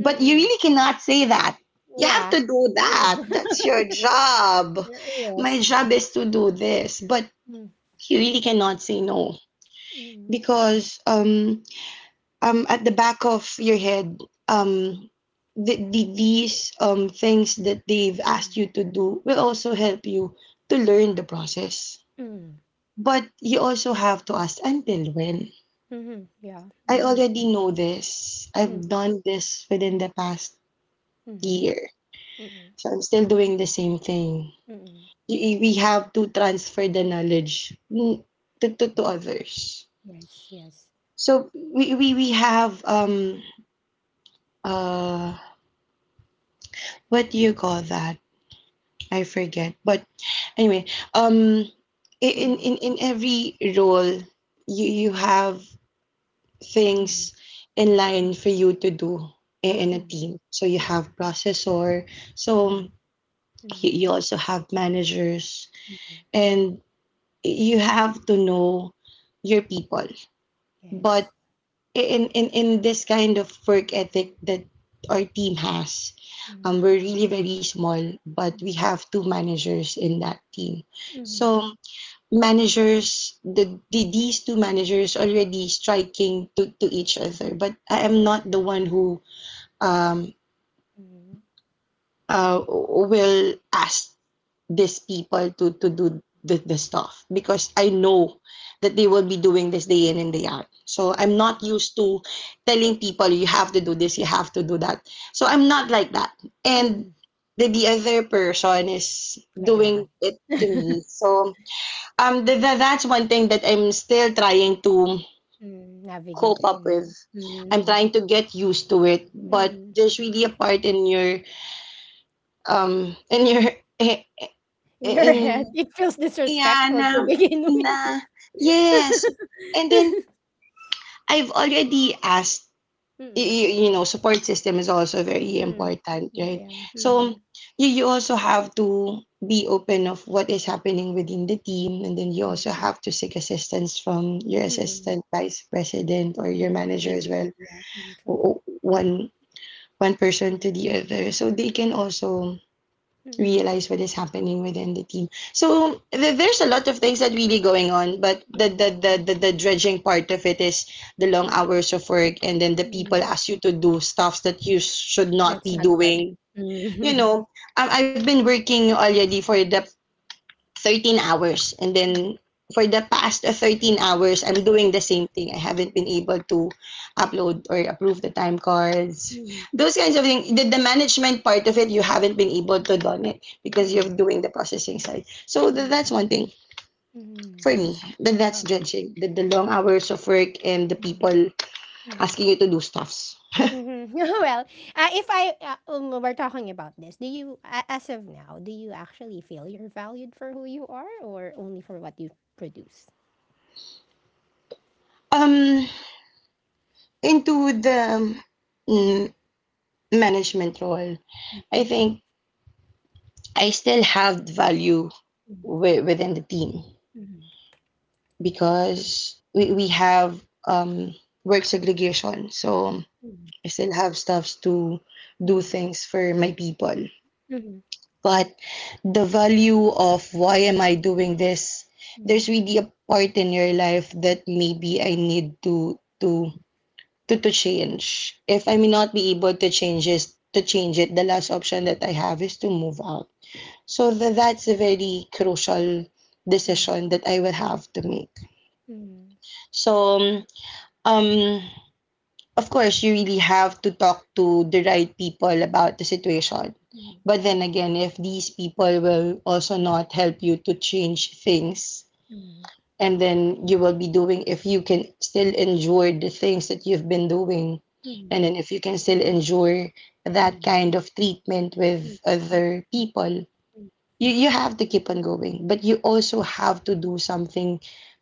But you really cannot say that. You have
Yeah.
to do that. That's your job.
Yes.
My job is to do this. But
Mm,
you really cannot say no
mm,
because at the back of your head, um the these things that they've asked
mm,
you to do will also help you to learn the process,
mm,
but you also have to ask until when.
mhm, Yeah.
I
mhm,
already know this. I've
mm,
done this within the past
mm,
year,
mm,
so I'm still doing the same thing.
mm.
We have to transfer the knowledge to others.
Yes, yes.
So we have uh what do you call that, I forget. But anyway, um, in
Mm,
every role, you have
mm,
things in
mm,
line for you to do in a
mm,
team. So you have processor.
mm,
So
mm,
you,
mm,
you also have managers,
mm.
and you have to know your people. But
Yes.
in this kind of work ethic that our team has,
Mm,
we're really very small, but
mm,
we have two managers in that team.
mm,
So managers, these two managers already striking to each other. But I am not the one who um,
mm.
will ask these people to do the stuff, because I know that they will be doing this day in and day out. So I'm
Yeah.
not used to telling people you have to do this, you have to do that. So I'm
Mm,
not like that. And
mm.
the other person is
Like
doing it to
that.
me. So that's one thing that I'm still trying to
Mm, navigate
cope
right
up
now.
with. I'm
Mm,
trying to get used to it, but
mm.
there's really a part in your
In your head,
in.
it feels
Yeah,
disrespectful to
na,
begin
na,
with.
yes. And then I've already asked, you,
Mm.
you know, support system is also very
Mm.
important, right?
Yeah.
So
Mhm.
you also have to be open of what is happening within the team, and then you
Mm.
also have to seek assistance from your
Mm.
assistant vice president or your
Yeah.
manager as well,
AVP. Yeah. Mm, true.
one one person to the other, so they can also
Mm.
realize what is happening within the team. So there's a lot of things that really going on, but
Mm.
the dredging part of it is the long hours of work, and then the people
Mm.
ask you to do stuffs that you should not
That's
be
not bad.
doing. You
Mm.
know, I've been working already for the 13 hours. And
Mm.
then for the past 13 hours, I'm doing the same thing. I haven't been able to upload or approve the time cards.
Mm.
Those kinds of things. The management part of it, you haven't been able to done it because you're
Yeah.
doing the processing side. So
Mm.
that's one thing
Mm.
for me. Then that's
Oh.
dredging. The long hours of work and the
Mm.
people
Mm.
asking you to do stuffs.
Mm-hmm. well, if I we're talking about this, do you as of now, do you actually feel you're valued for who you are, or only for what you produce?
Um, into the mm,
Mm-hmm.
management role, I
Mm.
think I still have value
Hmm.
within the team because we have um, work segregation. So
Mm.
I still have stuffs to do things for my people. But the value of why am I doing this, there's
Mm-hmm.
really a part in your life that maybe I need to change. If I may not be able to change it, the last option that I have is to move out. So that's a very crucial
Mm-hmm.
decision that I will have to make.
Mhm.
So, um, of course, you really have to talk to the right people about the situation.
Mhm.
But then again, if these people will also not help you to change things,
Mhm.
and then you will be doing, if you can still endure the things that you've been doing, and
Mhm.
then if you can still endure that
Mhm.
kind of treatment with
Mhm.
other people,
Mhm.
you have to keep on going. But you also have to do something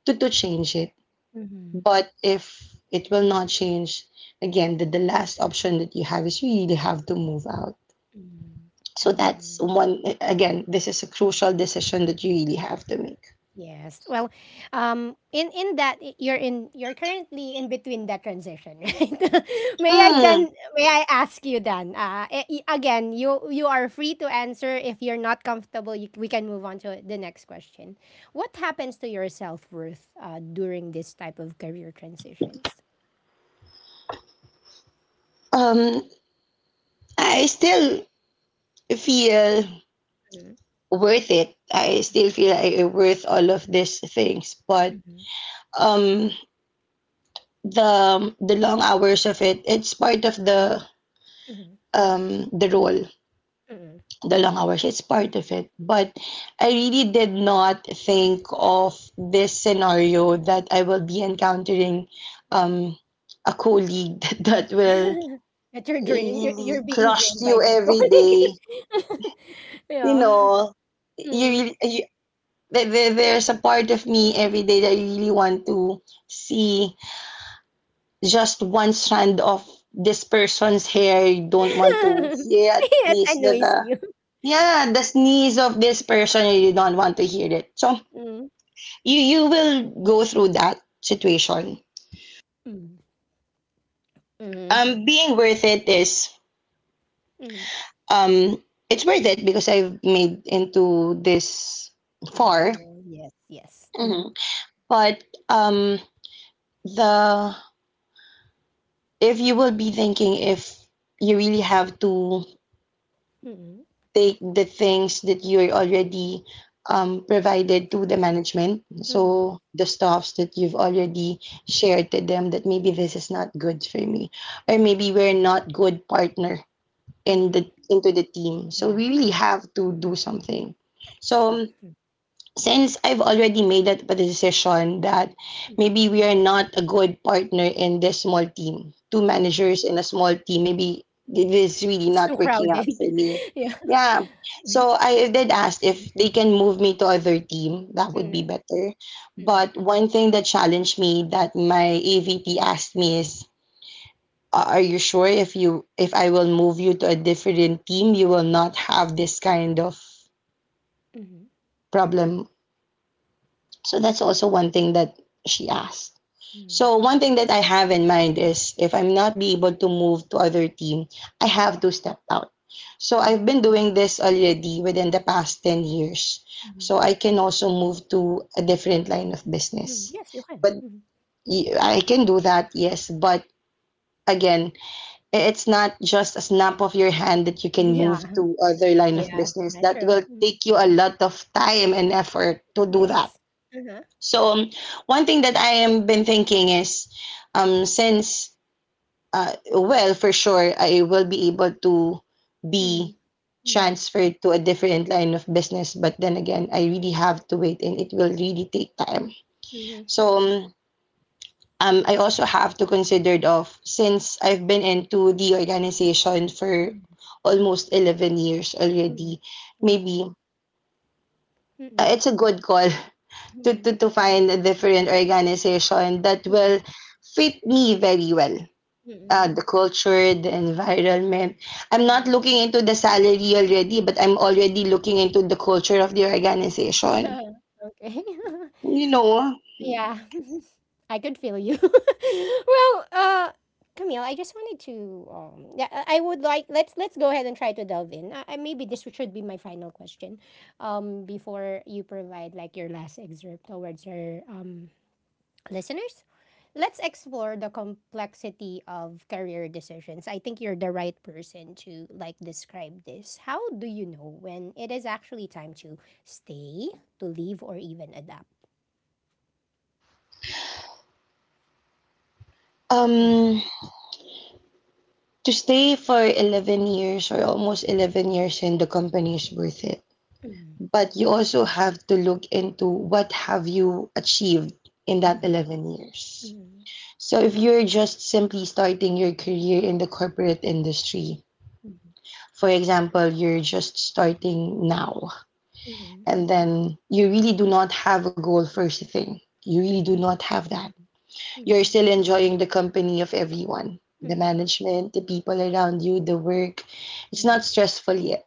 to change it.
Mhm.
But if it will not change, again, the last option that you have is you really have to move out.
Mhm.
So that's
Mm.
one, again, this is a crucial decision that you really have to make.
Yes. Well, in that you're in you're currently in between that transition, right?
Mm,
May I ask you then? Again, you you are free to answer. If you're not comfortable, you, we can move on to the next question. What happens to your self worth during this type of career transitions?
um, I still feel
Mm-hmm.
worth it. I still feel I worth all of these things, but um, the long hours of it, it's part of
Mm-hmm.
the role.
Mm-hmm.
The long hours, it's part of it, but I really did not think of this scenario that I will be encountering um a colleague that will
that you're
really
being
crush
drained by
you
that
every day.
colleague
You
yeah.
know,
Mm-mm.
you there's a part of me every day that I really want to see just one strand of this person's hair. You don't want to, yeah, at
yes
least
annoys
that.
you
Yeah, the sneeze of this person, you don't want to hear it. So
mm.
you will go through that situation.
Mm. Mm.
Being worth it is
Mm.
um, it's worth it because I've made into this
yeah that
far.
role yes yes mm-hmm.
Mhm. But the, if you will be thinking, if you really have to
Mm-hmm.
take the things that you're already provided to the management. So the stuffs that you've already shared to them, that maybe
Mm-hmm.
this is not good for me, or
Mm-hmm.
maybe we're not good partner in the
Mm-hmm.
into the team. So
yeah
we really have to do something.
I
So
see
since I've already made that the decision that
mm-hmm.
maybe we are not a good partner in this small team, two
Mm-hmm.
managers in a small team, maybe it is really
it's too
not working
crowded
out for me.
yeah
Yeah. So I did ask if they can move me to other team, that would
mm.
be better.
Mm.
But one thing that challenged me that my AVP asked me is, Are you sure, if you if I will move you to a different team, you will not have this kind of
Mm-hmm.
problem?" So that's also one thing that she asked.
Mm.
So one thing that I have in mind is if I'm not be able to move to other team, I have to step out. So
Mm.
I've been doing this already within the past 10 years.
Mm.
So I can also move to a different line of
Mm.
business.
yes you can
But
mm.
I can do that, yes, but again, it's not just a snap of your hand that you can
yeah
move to other line of
yeah
business.
not
That
true
will
mm.
take you a lot of time and effort to do that.
yes Mm-hmm.
So one thing that I am been thinking is, since well, for sure, I will be able to
Mhm,
be
mhm,
transferred to a different line of business. But then again, I really have to wait, and it will really take time.
mhm,
So I also have to consider of since I've been into the organization for
mhm,
almost 11 years
mhm.
already.
Yeah.
Maybe
Mhm,
it's a good call
mhm,
to find a different organization that will
mhm,
fit me very well. The
mhm,
culture, the environment. I'm not
mhm.
looking into the salary already, but I'm already looking into the culture of the organization.
Okay.
You know,
Yeah. I could feel you. Well, Camille, I just wanted to, yeah, I would like, let's go ahead and try to delve in. I maybe this should be my final question, before you provide like your last excerpt towards our Listeners, let's explore the complexity of career decisions. I think you're the right person to like describe this. How do you know when it is actually time to stay, to leave, or even adapt?
um, to stay for 11 years or almost 11 years in the company is worth it. But you also have to look into what have you achieved in that 11 years. So, if you're just simply starting your career in the corporate industry, for example, you're just starting now, and then you really do not have a goal first thing. You really do not have that. You're still enjoying the company of everyone, the management, the people around you, the work. It's not stressful yet.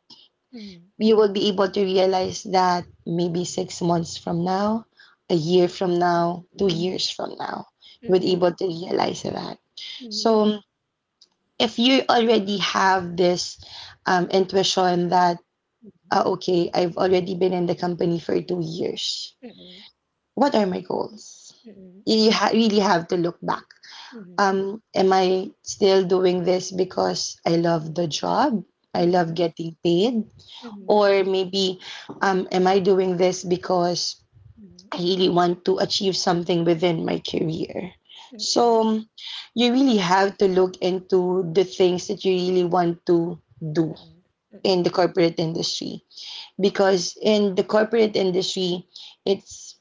You will be able to realize that maybe 6 months from now, a year from now, 2 years from now, you would be able to realize that. So if you already have this intuition that, ah, okay, I've already been in the company for 2 years, what are my goals? You really have to look back. Am I still doing this because I love the job? I love getting paid? Or maybe, am I doing this because I really want to achieve something within my career. So you really have to look into the things that you really want to do in the corporate industry, because in the corporate industry, it's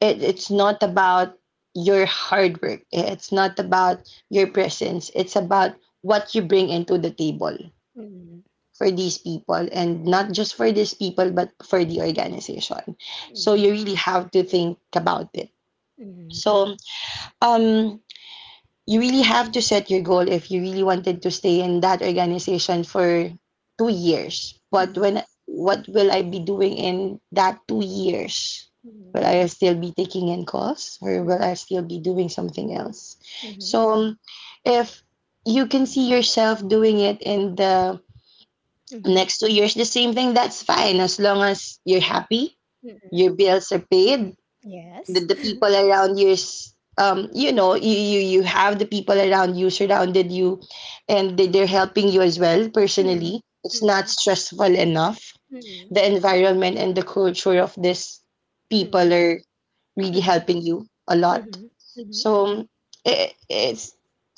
it's not about your hard work, it's not about your presence, it's about what you bring into the table
Mhm,
for these people, and not just for these people but for the organization. So you
mhm,
really have to think about it.
mhm,
So um you really have to set your goal if you really wanted to stay in that organization for 2 years. But
mhm,
when, what will I be doing in that 2 years?
mhm,
Will I still be taking in calls, or will I
mhm,
still be doing something else?
mhm,
So if you can see yourself doing it in the
mhm,
next 2 years, the same thing, that's fine, as long as you're happy,
mhm.
your bills are paid,
Yes.
the people around you is, you know, you you have the people around you surrounded you, and they're helping you as well personally,
Mhm,
it's not
mhm,
stressful enough,
mhm,
the environment and the culture of this people
mhm,
are really
mhm,
helping you a lot.
mhm.
So it, it's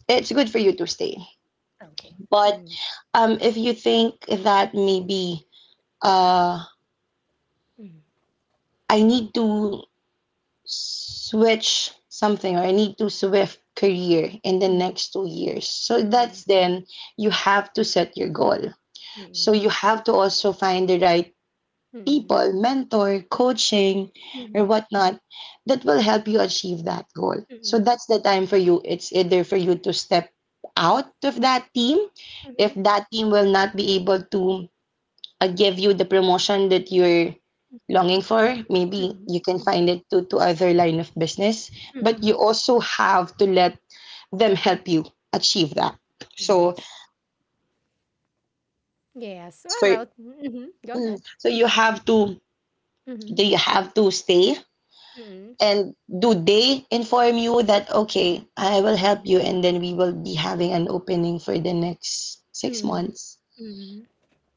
it's good for you to stay.
Okay.
But
Mhm,
if you think that maybe uh
mhm,
I need to switch something or I need to switch career in the
mhm,
next 2 years. So that's
mhm,
then you have to set your goal.
mhm,
So you have to also find the right
mhm,
people, mentor, coaching,
mhm,
or
mhm,
whatnot that will help you achieve that goal. So that's the time for you. It's either for you to step out of that team if
mhm,
that team will not be able to give you the promotion that you're longing for, maybe
mhm,
you can
mhm,
find it to other line of business. But
mhm.
you also have to let them help you achieve that. So
Yes. Yes.
it's
All
for
right. Mm-hmm. Go ahead.
so you have to,
Mm-hmm.
do you have to stay, and do they inform you that okay, I will help you, and then we will be having an opening for the next six
Mm-hmm.
months
Mm-hmm.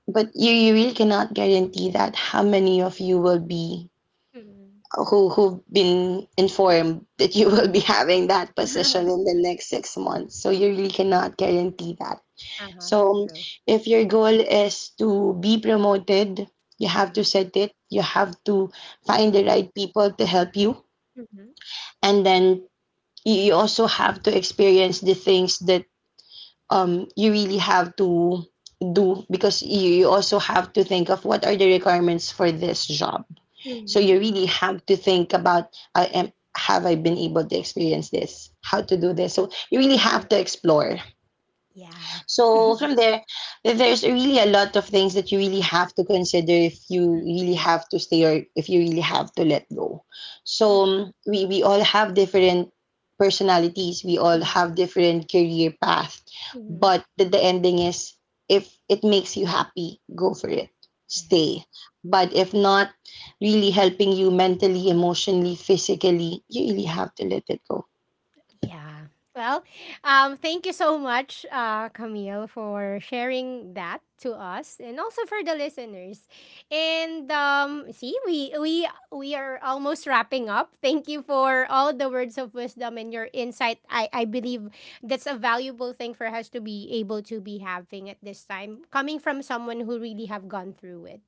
But you really cannot guarantee that, how many of you will be,
Mm-hmm.
who've been informed that you will be
Mm-hmm.
having that position
hmm
in the next 6 months. So you really cannot guarantee that.
Uh-huh.
So
True.
if your goal is to be promoted, you have to
Mm-hmm.
set it. You have to find the right people to help you,
Mm-hmm.
and then you also have to experience the things that you really have to do, because you also have to think of what are the requirements for this job. So
Mm,
you
true.
really have to think about, I am, have I been able to experience this? How to do
Mm.
this? So you really have to explore.
Yeah.
So from there, there's really a lot of things that you really have to consider if you
Mhm.
really have to stay or if you really have to let go. So
Mhm.
we all have different personalities. We all
Mhm.
have different career path,
Mhm.
but the ending is, if it makes you happy, go for it.
Yes.
Stay. But if not, really helping you mentally, emotionally, physically, you really
Mhm.
have to let it go.
Yeah. Well, thank you so much, Camille, for sharing that to us and also for the listeners. And see, we are almost wrapping up. Thank you for all the words of wisdom and your insight. I believe that's a valuable thing for us to be able to be having at this time, coming from someone who really have gone through it.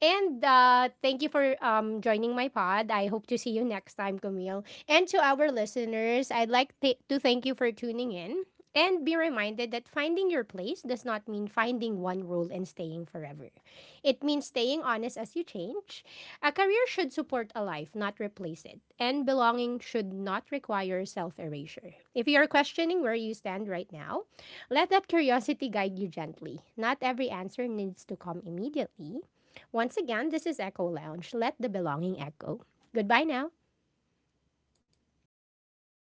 And thank you for joining my pod. I hope to see you next time, Camille. And to our listeners, I'd like to thank you for tuning in. And be reminded that finding your place does not mean finding one role and staying forever. It means staying honest as you change. A career should support a life, not replace it. And belonging should not require self erasure. If you are questioning where you stand right now, let that curiosity guide you gently. Not every answer needs to come immediately. Once again, this is Echo Lounge. Let the belonging echo. Goodbye now.